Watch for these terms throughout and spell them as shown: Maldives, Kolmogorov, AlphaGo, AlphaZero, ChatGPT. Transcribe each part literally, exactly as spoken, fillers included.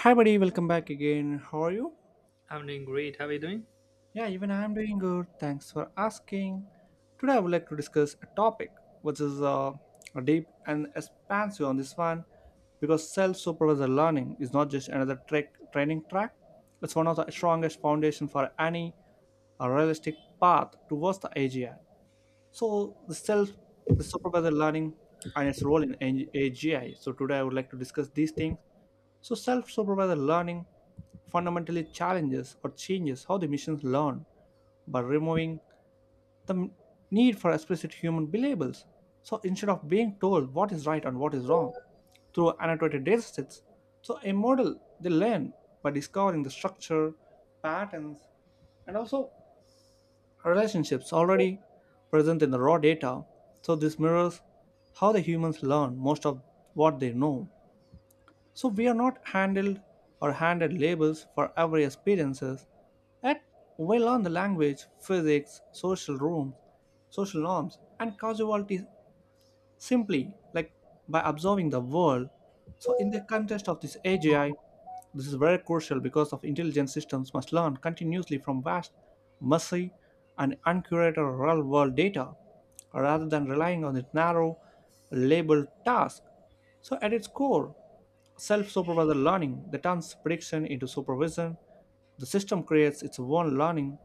Hi, buddy. Welcome back again. How are you? I'm doing great. How are you doing? Yeah, even I'm doing good. Thanks for asking. Today, I would like to discuss a topic which is uh, deep and expansive on this one because self-supervised learning is not just another track, training track. It's one of the strongest foundation for any a realistic path towards the A G I. So the self, the supervised learning and its role in A G I. So today I would like to discuss these things so, self supervised learning fundamentally challenges or changes how the machines learn by removing the m- need for explicit human labels. So, instead of being told what is right and what is wrong through annotated datasets, so a model they learn by discovering the structure, patterns, and also relationships already present in the raw data. So, this mirrors how the humans learn most of what they know. So we are not handled or handed labels for every experiences. Yet we learn the language, physics, social rooms, social norms, and causality simply like by observing the world. So in the context of this A G I, this is very crucial because of intelligent systems must learn continuously from vast, messy, and uncurated real-world data, rather than relying on its narrow, labeled task. So at its core, self supervised learning that turns prediction into supervision. The system creates its own learning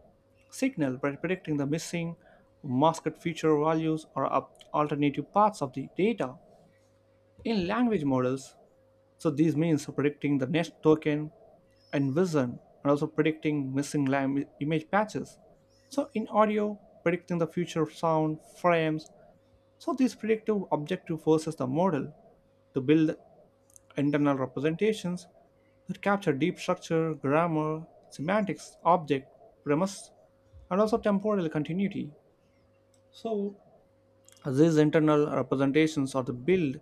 signal by predicting the missing masked feature values or up- alternative paths of the data in language models. So, this means predicting the next token and vision, and also predicting missing lam- image patches. So, in audio, predicting the future sound frames. So, this predictive objective forces the model to build internal representations that capture deep structure, grammar, semantics, object, premise, and also temporal continuity. So these internal representations are the build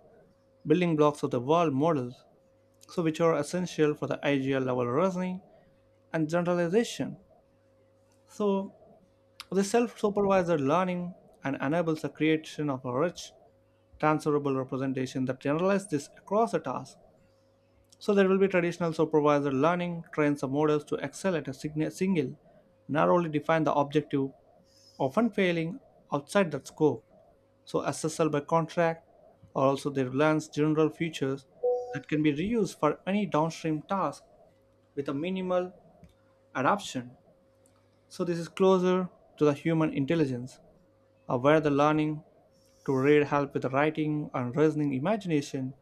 building blocks of the world models, so which are essential for the ideal level reasoning and generalization. So the self-supervised learning and enables the creation of a rich, transferable representation that generalizes this across a task. So there will be traditional supervisor learning trains the models to excel at a sign- single, narrowly define the objective, often failing outside that scope. So S S L by contract or also they learns general features that can be reused for any downstream task with a minimal adaption. So this is closer to the human intelligence, uh, where the learning to read help with writing and reasoning imagination,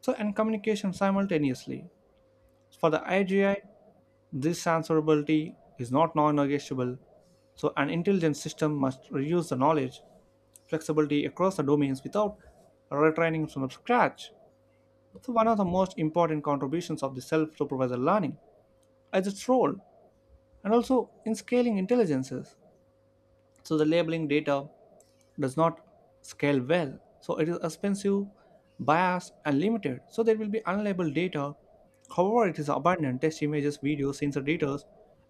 so and communication simultaneously. For the I G I. This transferability is not non negotiable, so an intelligent system must reuse the knowledge flexibility across the domains without retraining from scratch. So, one of the most important contributions of the self supervised learning is its role and also in scaling intelligences. So, the labeling data does not scale well, so it is expensive, biased, and limited. So, there will be unlabeled data. However, it is abundant text images, videos, sensor data,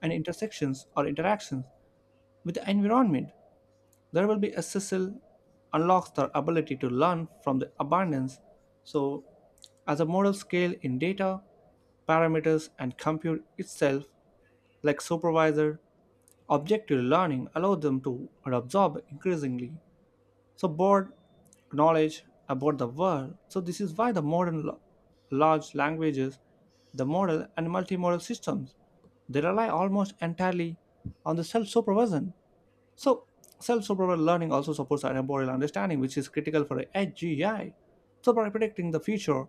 and intersections or interactions with the environment, there will be a S S L unlocks their ability to learn from the abundance. So, as a model scale in data, parameters, and compute itself, like supervisor, objective learning allows them to absorb increasingly. So, broad knowledge about the world. So, this is why the modern lo- large languages, the model, and multimodal systems they rely almost entirely on the self-supervision so, self supervised learning also supports our temporal understanding, which is critical for A G I. So, by predicting the future,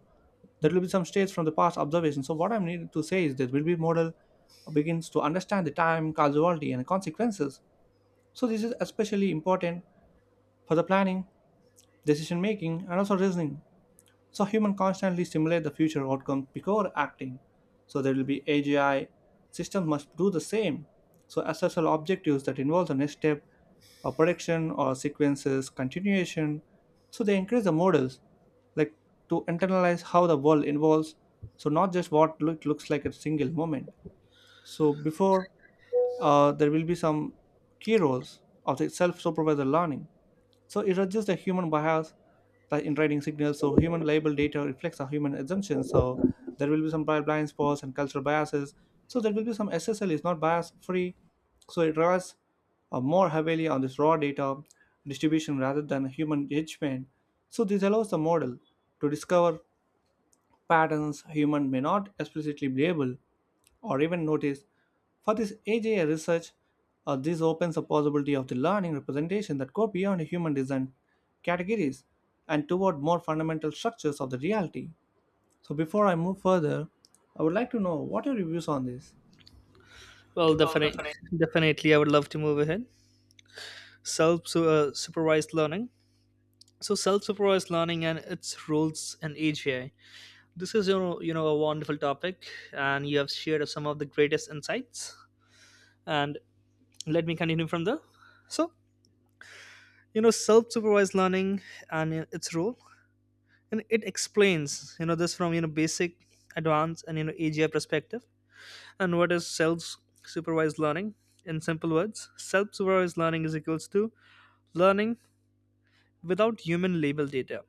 there will be some states from the past observation. So, what I'm needed to say is that will be model begins to understand the time, causality, and consequences. So, this is especially important for the planning, decision making, and also reasoning. So humans constantly simulate the future outcomes before acting. So there will be A G I systems must do the same. So S S L objectives that involve the next step, or prediction or sequences, continuation. So they encourage the models like to internalize how the world evolves. So not just what look, looks like a single moment. So before uh, there will be some key roles of the self-supervised learning. So it is just a human bias the in writing signals. So human label data reflects a human assumption. So there will be some bi- blind spots and cultural biases. So there will be some S S L is not bias free. So it relies uh, more heavily on this raw data distribution rather than human judgment. So this allows the model to discover patterns humans may not explicitly label or even notice. For this A G I research, uh, this opens the possibility of the learning representation that go beyond human design categories and toward more fundamental structures of the reality. So before I move further, I would like to know what are your views on this? Well, definitely, definitely, I would love to move ahead. Self su- uh, supervised learning. So, self supervised learning and its roles in A G I. This is you know, you know a wonderful topic, and you have shared some of the greatest insights. And let me continue from there. So, you know, self supervised learning and uh, its role, and it explains you know this from you know basic, advanced, and you know A G I perspective. And what is self-supervised learning? In simple words, self-supervised learning is equals to learning without human label data.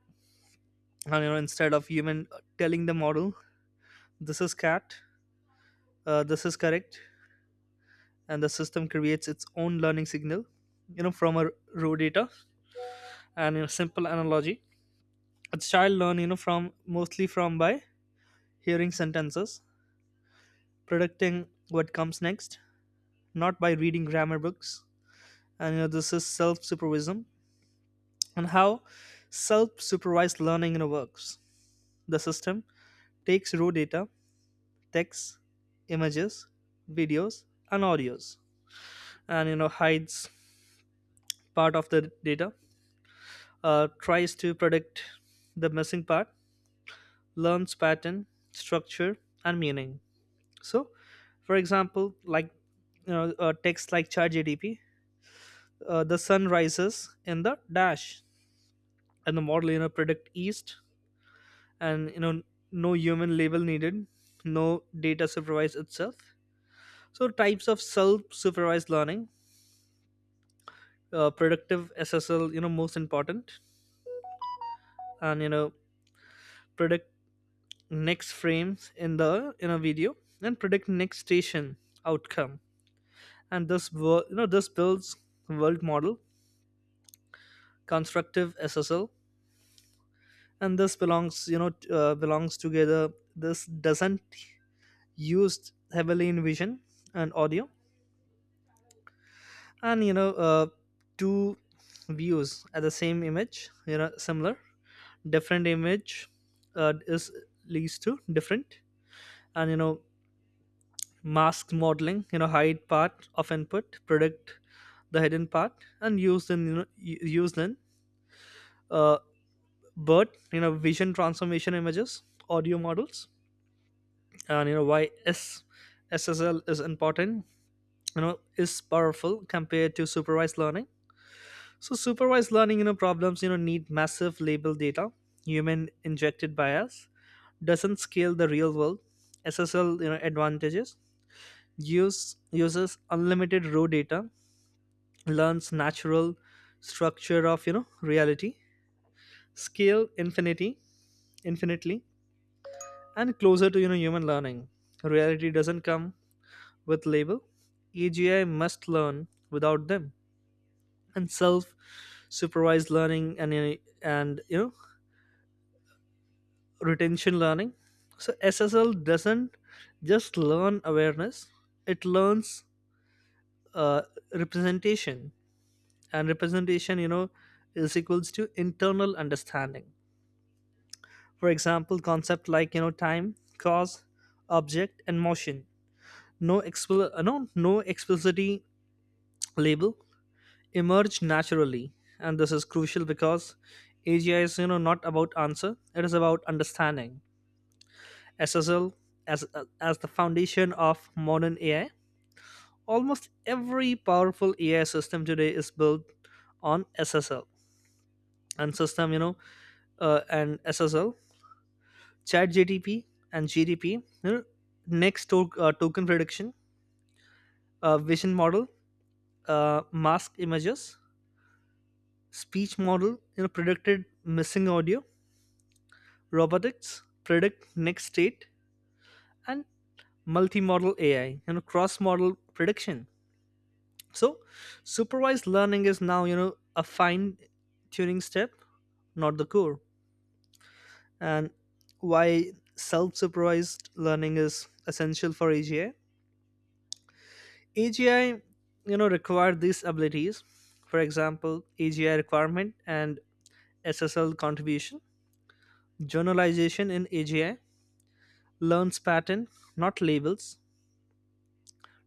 And you know, instead of human telling the model, this is cat, uh, this is correct, and the system creates its own learning signal, you know, from a raw data. And in a simple analogy, a child learn, you know, from mostly from by hearing sentences, predicting what comes next, not by reading grammar books. And you know, this is self-supervision on how self-supervised learning, you know, works. The system takes raw data, text, images, videos, and audios, and you know hides part of the data, uh, tries to predict the missing part, learns pattern, structure, and meaning. So, for example, like you know, a text like ChatGPT, uh, the sun rises in the dash, and the model you know predict east, and you know no human label needed, no data supervised itself. So types of self-supervised learning, uh, productive SSL, you know most important, and you know predict next frames in the in a video, and predict next station outcome. And this wor- you know this builds world model. Constructive SSL, and this belongs you know t- uh, belongs together. This doesn't used heavily in vision and audio. And you know uh, two views at the same image, you know similar, different image uh, is leads to different. And you know mask modeling, you know hide part of input, predict the hidden part, and use in, you know u- used in, uh, bird, you know vision transformation images, audio models. And you know why s SSL is important, you know is powerful compared to supervised learning. So supervised learning, you know, problems, you know, need massive label data. Human injected bias doesn't scale the real world. S S L, you know, advantages use uses unlimited raw data, learns natural structure of you know reality, scale infinity, infinitely, and closer to you know human learning. Reality doesn't come with label. A G I must learn without them, and self supervised learning and you know, and you know retention learning. So S S L doesn't just learn awareness; it learns uh, representation, and representation, you know, is equals to internal understanding. For example, concept like you know time, cause, object, and motion. No expl- uh, no no explicitly label emerge naturally, and this is crucial because A G I is you know not about answer; it is about understanding. S S L as as the foundation of modern A I. Almost every powerful A I system today is built on S S L. And system, you know, uh, and S S L, Chat and G D P, you know, next to, uh, token prediction, uh, vision model, uh, mask images, speech model, you know, predicted missing audio, robotics, predict next state, and multimodal A I, you know, cross model prediction. So, supervised learning is now, you know, a fine tuning step, not the core. And why self supervised learning is essential for A G I? A G I, you know, require these abilities. For example, A G I requirement and S S L contribution, journalization in A G I, learns pattern, not labels,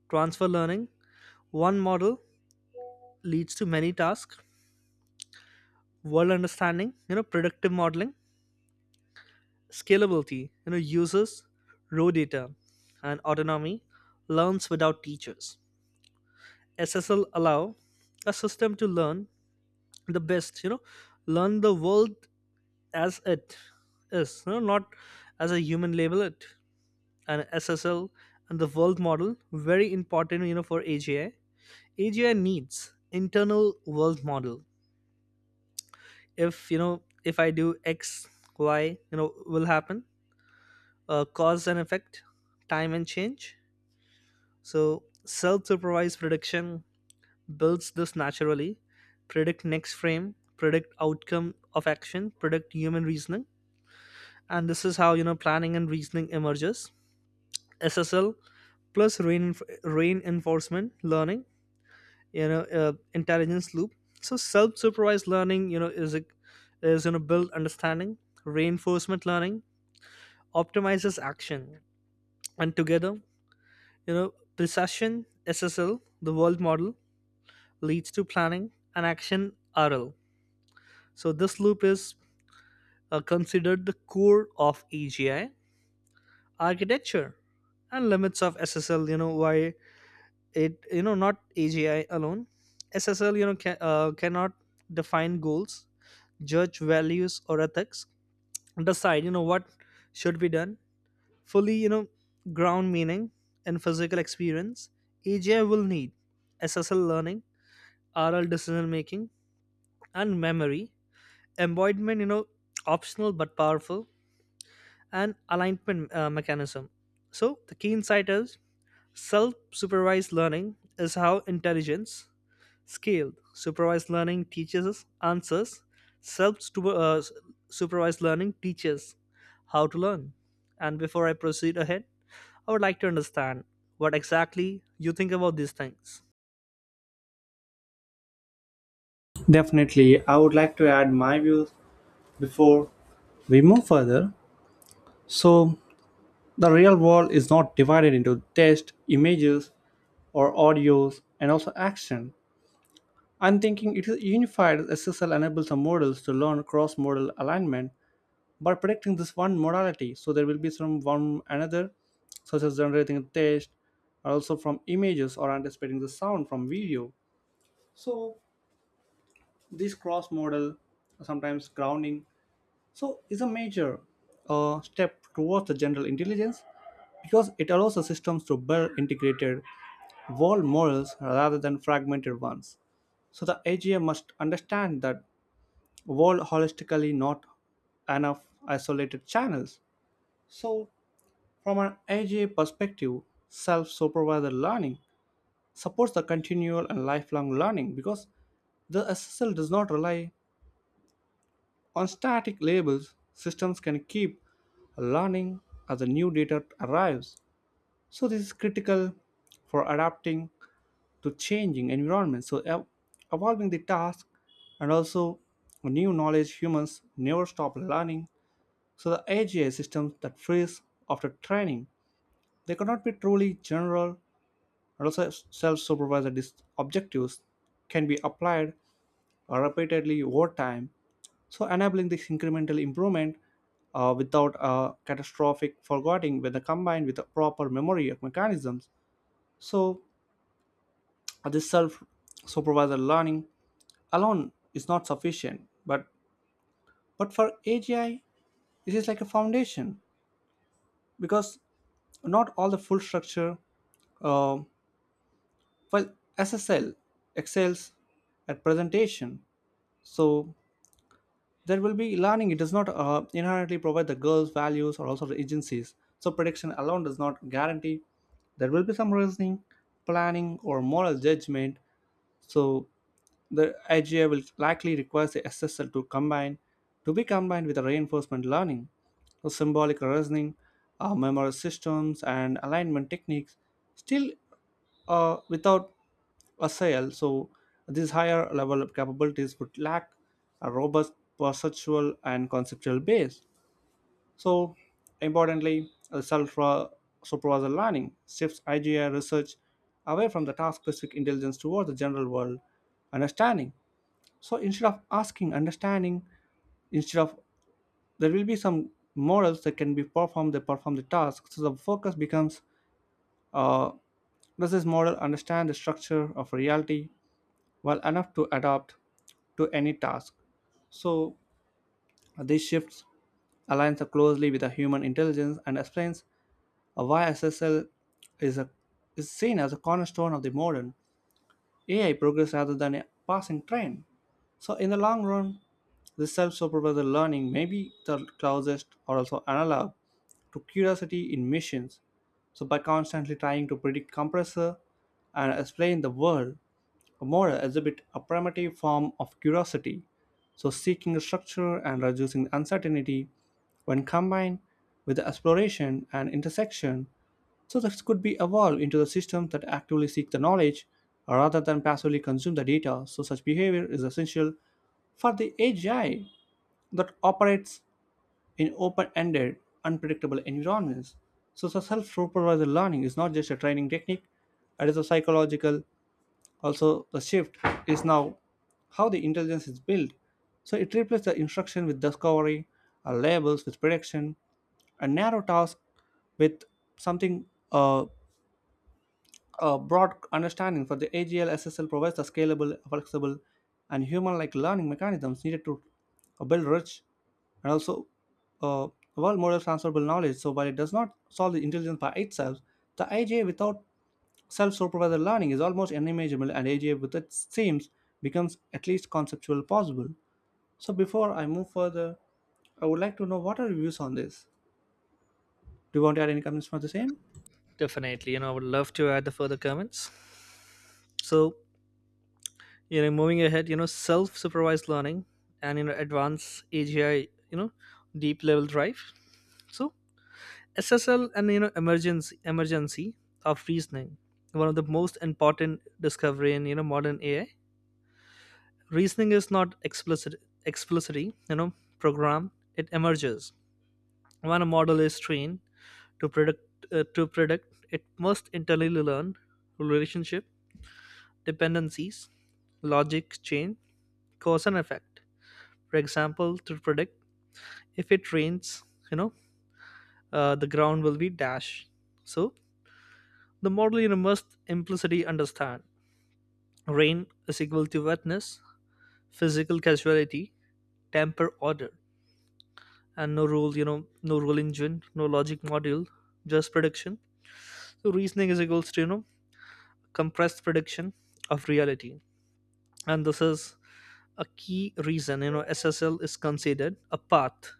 transfer learning, one model leads to many tasks, world understanding, you know, predictive modeling, Scalability, you know, users, raw data, and autonomy learns without teachers. S S L allow a system to learn the best, you know, learn the world as it is, you know, not as a human label it. And S S L and the world model very important, you know, for A G I. A G I needs internal world model. If you know, if I do X, Y, you know, will happen. Uh, cause and effect, time and change. So self supervised prediction builds this naturally. Predict next frame, predict outcome of action, predict human reasoning. And this is how you know planning and reasoning emerges. S S L plus rein reinforcement learning, you know, uh, intelligence loop. So self supervised learning, you know, is a, is you know build understanding. Reinforcement learning optimizes action, and together, you know, precision S S L, the world model, leads to planning and action R L. So this loop is uh, considered the core of A G I architecture and limits of S S L. You know why it you know not A G I alone. S S L you know ca- uh, cannot define goals, judge values or ethics, decide you know what should be done. Fully you know ground meaning and physical experience. A G I will need S S L learning, R L decision making, and memory, embodiment, you know optional but powerful, and alignment uh, mechanism. So the key insight is self-supervised learning is how intelligence scaled. Supervised learning teaches us answers; self-supervised learning teaches how to learn. And before I proceed ahead, I would like to understand what exactly you think about these things. Definitely, I would like to add my views before we move further. So, the real world is not divided into text, images, or audios, and also action. I'm thinking it is unified S S L enables the models to learn cross-modal alignment by predicting this one modality. So there will be some one another, such as generating a text, or also from images or anticipating the sound from video. So this cross-modal, sometimes grounding, so is a major uh, step towards the general intelligence because it allows the systems to build integrated world models rather than fragmented ones. So the A G I must understand that world holistically, not enough isolated channels. So, from an A G A perspective, self supervised learning supports the continual and lifelong learning because the S S L does not rely on static labels, systems can keep learning as the new data arrives. So, this is critical for adapting to changing environments. So, ev- evolving the task and also new knowledge, humans never stop learning. So the A G I systems that freeze after training, they cannot be truly general and also self-supervised objectives can be applied uh, repeatedly over time, so enabling this incremental improvement uh, without a catastrophic forgetting when combined with the proper memory mechanisms. So uh, this self-supervised learning alone is not sufficient, but but for A G I, this is like a foundation because not all the full structure uh, while S S L excels at presentation. So there will be learning. It does not uh, inherently provide the goals, values, or also the agencies. So prediction alone does not guarantee. There will be some reasoning, planning, or moral judgment. So the I G A will likely require the S S L to combine to be combined with the reinforcement learning, so symbolic reasoning, uh, memory systems, and alignment techniques. Still, uh, without a sale, so these higher level of capabilities would lack a robust perceptual and conceptual base. So, importantly, self supervisor learning shifts I G I research away from the task specific intelligence toward the general world understanding. So instead of asking, understanding, instead of there will be some models that can be performed that perform the task. So the focus becomes uh, does this model understand the structure of reality well enough to adapt to any task? So this shifts aligns closely with the human intelligence and explains why S S L is a is seen as a cornerstone of the modern A I progress rather than a passing trend. So in the long run, this self-supervised learning may be the closest or also analog to curiosity in machines. So by constantly trying to predict compressor and explain the world, a model exhibit a primitive form of curiosity. So seeking structure and reducing uncertainty when combined with the exploration and intersection so this could be evolved into the systems that actively seek the knowledge uh, rather than passively consume the data. So such behavior is essential for the A G I that operates in open-ended, unpredictable environments. So the self-supervised learning is not just a training technique, it is a psychological. Also, the shift is now how the intelligence is built. So it replaces the instruction with discovery, uh, labels with prediction, a narrow task with something uh, a broad understanding for the A G L S S L provides the scalable, flexible, and human-like learning mechanisms needed to build rich and also uh, world model transferable knowledge. So while it does not solve the intelligence by itself, the A G A without self-supervised learning is almost unimaginable, and A G A with its themes becomes at least conceptual possible. So before I move further, I would like to know what are your views on this. Do you want to add any comments for the same? Definitely, you know I would love to add the further comments. So, you know moving ahead, you know self supervised learning and you know advanced AGI, you know deep level drive. So SSL and you know emergency emergency of reasoning. One of the most important discovery in you know modern AI. Reasoning is not explicit explicitly you know program. It emerges when a model is trained to predict, uh, to predict it must internally learn relationship, dependencies, logic chain, cause and effect. For example, to predict if it rains, you know uh, the ground will be dash. So the model you must implicitly understand, rain is equal to wetness, physical casuality, temper order, and no rule you know no rule engine, no logic module, just prediction. So reasoning is equals to you know compressed prediction of reality. And this is a key reason you know SSL is considered a path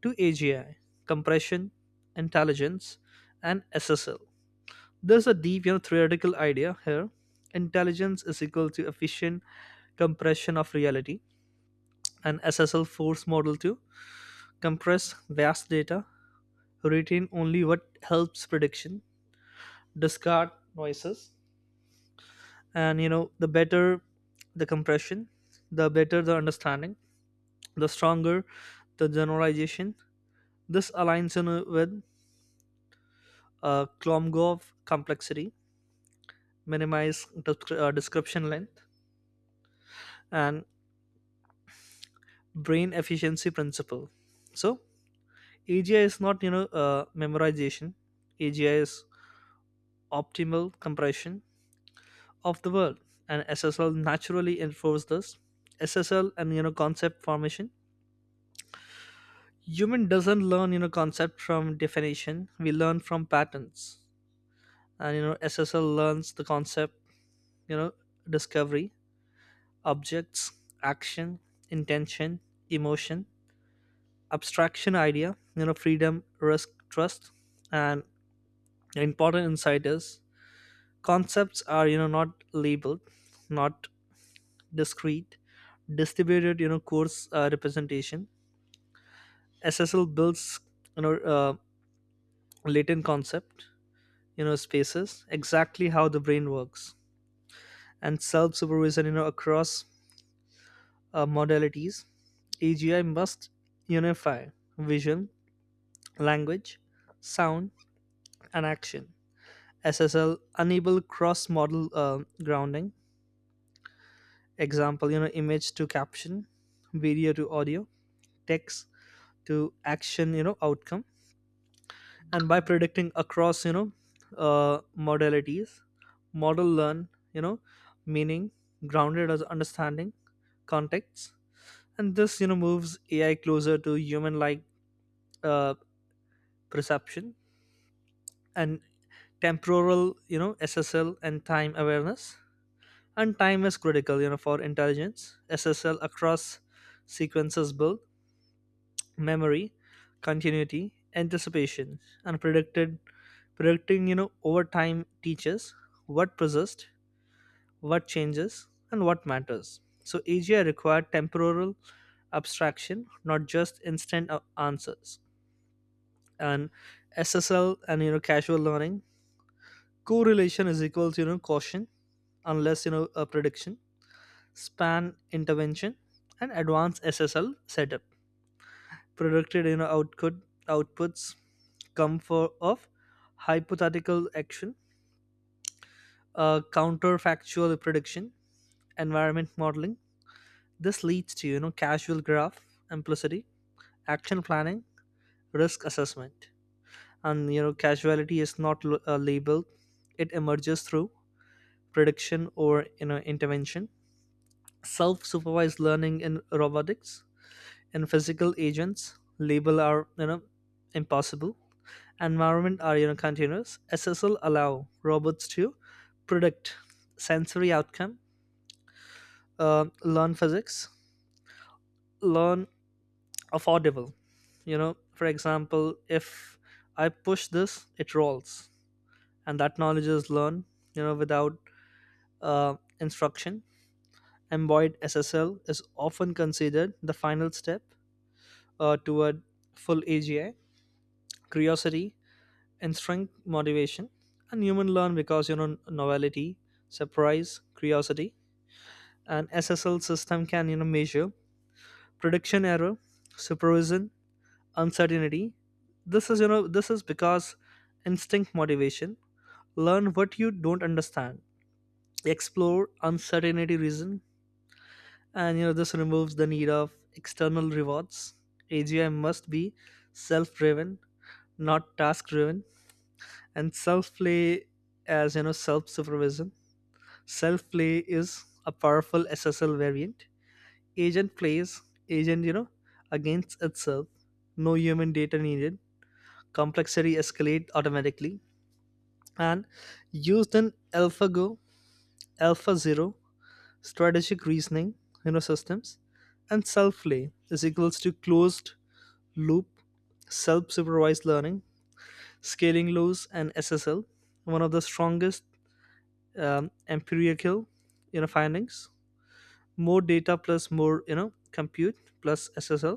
to A G I, compression, intelligence, and S S L. There's a deep, you know, theoretical idea here. Intelligence is equal to efficient compression of reality, and S S L force model to compress vast data, retain only what helps prediction, discard noises, and you know the better the compression, the better the understanding, the stronger the generalization. This aligns in with uh, Klomgov complexity, minimize descri- uh, description length, and brain efficiency principle. So AGI is not you know uh, memorization. AGI is optimal compression of the word, and SSL naturally enforce this. SSL and you know concept formation. Human doesn't learn, you know concept from definition, we learn from patterns. And you know SSL learns the concept, you know discovery, objects, action, intention, emotion, abstraction idea, you know freedom, risk, trust. And important insight is concepts are, you know not labeled, not discrete, distributed, you know course uh, representation. SSL builds, you know uh, latent concept, you know spaces, exactly how the brain works. And self supervision, you know across uh, modalities. AGI must unify vision, language, sound, and action. S S L enable cross-modal uh, grounding. Example, you know, image to caption, video to audio, text to action, you know, outcome. And by predicting across, you know, uh, modalities, model learn, you know, meaning grounded as understanding contexts, and this you know moves A I closer to human-like uh, perception and temporal, you know, S S L and time awareness. And time is critical, you know for intelligence. SSL across sequences build memory, continuity, anticipation, and predicted predicting, you know over time teaches what persists, what changes, and what matters. So AGI required temporal abstraction, not just instant uh, answers. And SSL and you know casual learning, correlation is equals, you know caution, unless you know a prediction span intervention, and advanced S S L setup. Predicted, you know, output outputs come for of hypothetical action, uh, counterfactual prediction, environment modeling. This leads to you know casual graph implicity, action planning, risk assessment, and you know casuality is not l- uh, labeled. It emerges through prediction or you know intervention. Self-supervised learning in robotics and physical agents, label are, you know impossible, environment are, you know continuous. SSL allow robots to predict sensory outcome, uh, learn physics, learn affordable, you know for example, if I push this, it rolls. And that knowledge is learned, you know without uh, instruction. Embodied SSL is often considered the final step, uh, toward full AGI. Curiosity and strength motivation. And human learn because, you know novelty, surprise, curiosity. And SSL system can, you know measure prediction error, supervision, uncertainty. This is you know this is because instinct motivation, learn what you don't understand, explore uncertainty, reason. And you know this removes the need of external rewards. AGI must be self driven, not task driven. And self play as you know self supervision. Self play is a powerful S S L variant. Agent plays agent, you know, against itself. No human data needed. Complexity escalate automatically and used in AlphaGo, AlphaZero, strategic reasoning, you know, systems. And self play is equals to closed loop self supervised learning, scaling laws, and S S L, one of the strongest um, empirical, you know, findings. More data plus more, you know compute, plus SSL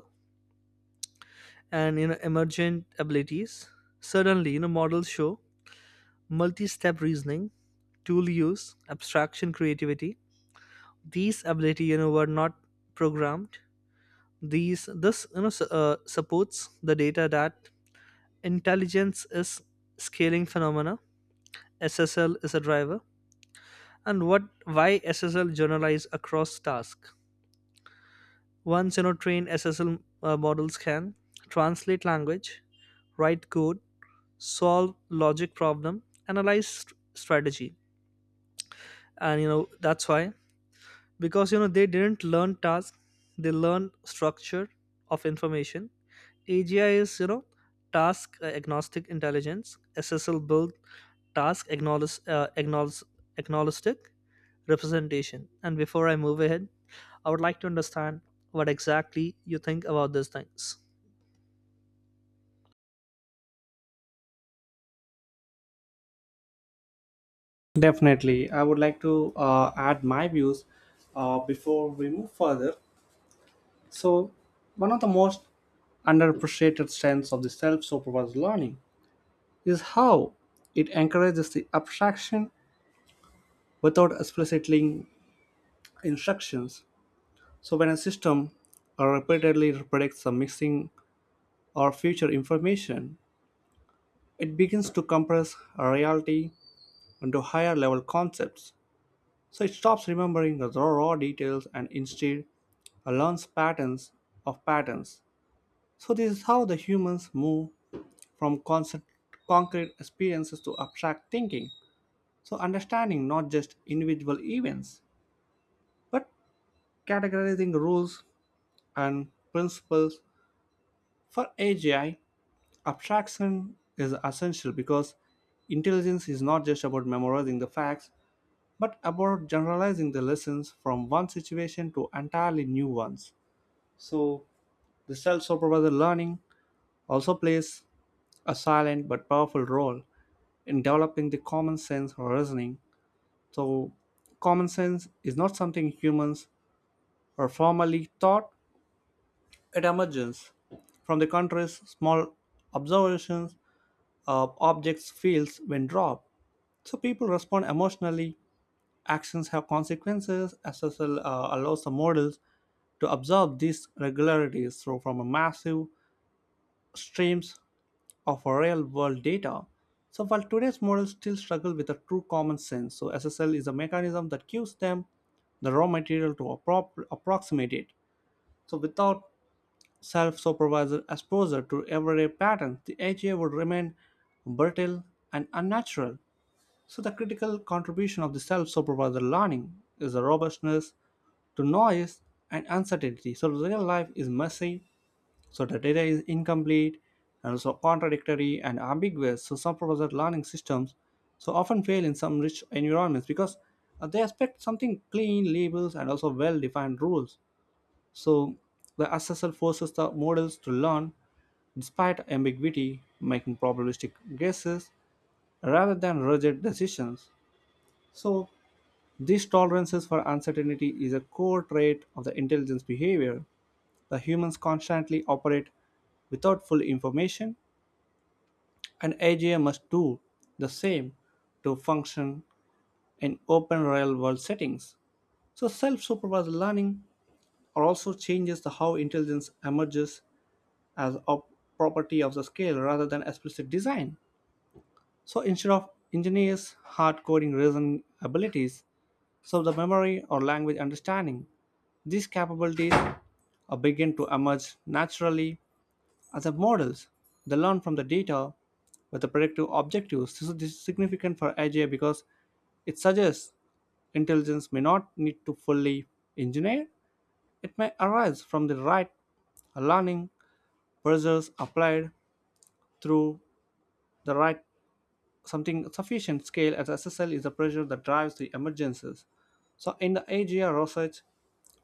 and you know emergent abilities. Suddenly, you know models show multi-step reasoning, tool use, abstraction, creativity. These ability, you know were not programmed. These this you know s- uh, supports the data that intelligence is scaling phenomena. SSL is a driver. And what why SSL generalize across task. Once, you know trained S S L, uh, models can translate language, write code, solve logic problem, analyze st- strategy. And you know that's why, because you know they didn't learn task, they learned structure of information. A G I is you know task uh, agnostic intelligence. S S L build task acknowledge, uh, acknowledge, agnostic representation. And before I move ahead, I would like to understand what exactly you think about these things. Definitely. I would like to uh, add my views uh, before we move further. So, one of the most underappreciated strengths of the self supervised learning is how it encourages the abstraction without explicitly instructions. So, when a system uh, repeatedly predicts the missing or future information, it begins to compress a reality into higher level concepts. So it stops remembering the raw, raw details and instead uh, learns patterns of patterns. So this is how the humans move from concept, concrete experiences to abstract thinking. So understanding not just individual events, but categorizing rules and principles for A G I, abstraction is essential because intelligence is not just about memorizing the facts, but about generalizing the lessons from one situation to entirely new ones. So the self supervised learning also plays a silent but powerful role in developing the common sense reasoning. So common sense is not something humans are formally taught, it emerges from the country's small observations of objects' fields when dropped. So people respond emotionally, actions have consequences, S S L uh, allows the models to observe these regularities so from a massive streams of real world data. So while today's models still struggle with a true common sense, so S S L is a mechanism that gives them the raw material to appro- approximate it. So without self-supervised exposure to everyday patterns, the A G I would remain brittle and unnatural. So the critical contribution of the self-supervised learning is the robustness to noise and uncertainty. So real life is messy, so the data is incomplete and also contradictory and ambiguous. So some professor learning systems so often fail in some rich environments because uh, they expect something clean labels and also well-defined rules. So the assessor forces the models to learn despite ambiguity, making probabilistic guesses rather than rigid decisions. So these tolerances for uncertainty is a core trait of the intelligence behavior the humans constantly operate without full information, and A G I must do the same to function in open real world settings. So self supervised learning also changes the how intelligence emerges as a property of the scale rather than explicit design. So instead of engineers hard coding reasoning abilities, so the memory or language understanding, these capabilities uh, begin to emerge naturally as the models, they learn from the data with the predictive objectives. This is significant for A I because it suggests intelligence may not need to fully engineer. It may arise from the right learning pressures applied through the right something sufficient scale as S S L is the pressure that drives the emergencies. So in the A G R research,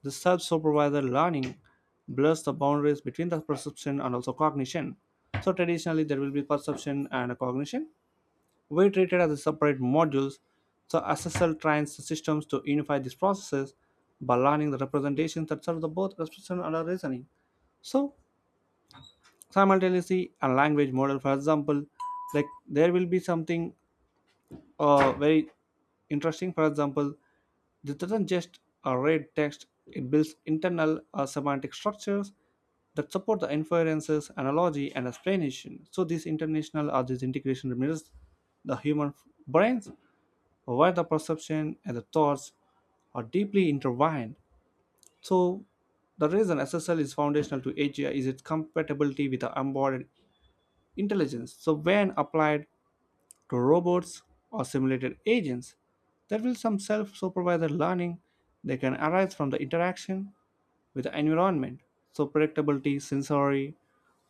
the self-supervised learning blurs the boundaries between the perception and also cognition. So traditionally there will be perception and cognition were treated as separate modules. So S S L trains the systems to unify these processes by learning the representations that serve the both perception and our reasoning. So simultaneously a language model, for example, like there will be something uh, very interesting. For example, this doesn't just uh, read text, it builds internal uh, semantic structures that support the inferences, analogy, and explanation. So this international or this integration mirrors the human brains, where the perception and the thoughts are deeply intertwined. So the reason S S L is foundational to A G I is its compatibility with the embodied intelligence. So when applied to robots or simulated agents there will some self-supervised learning that can arise from the interaction with the environment so predictability sensory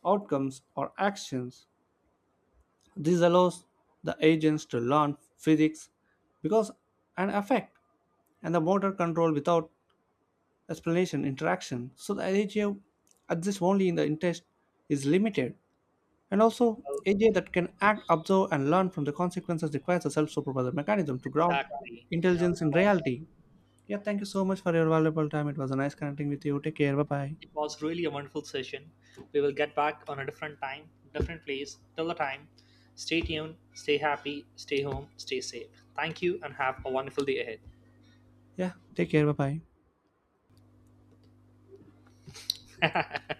outcomes or actions this allows the agents to learn physics because and affect and the motor control without explanation interaction so the idea of adjust only in the interest is limited and also, A J that can act, observe, and learn from the consequences requires a self supervised mechanism to ground Exactly. You know, it intelligence in was reality. Yeah, thank you so much for your valuable time. It was a nice connecting with you. Take care. Bye bye. it was really a wonderful session. We will get back on a different time, different place. Till the time, stay tuned, stay happy, stay home, stay safe. Thank you and have a wonderful day ahead. Yeah, take care. Bye bye.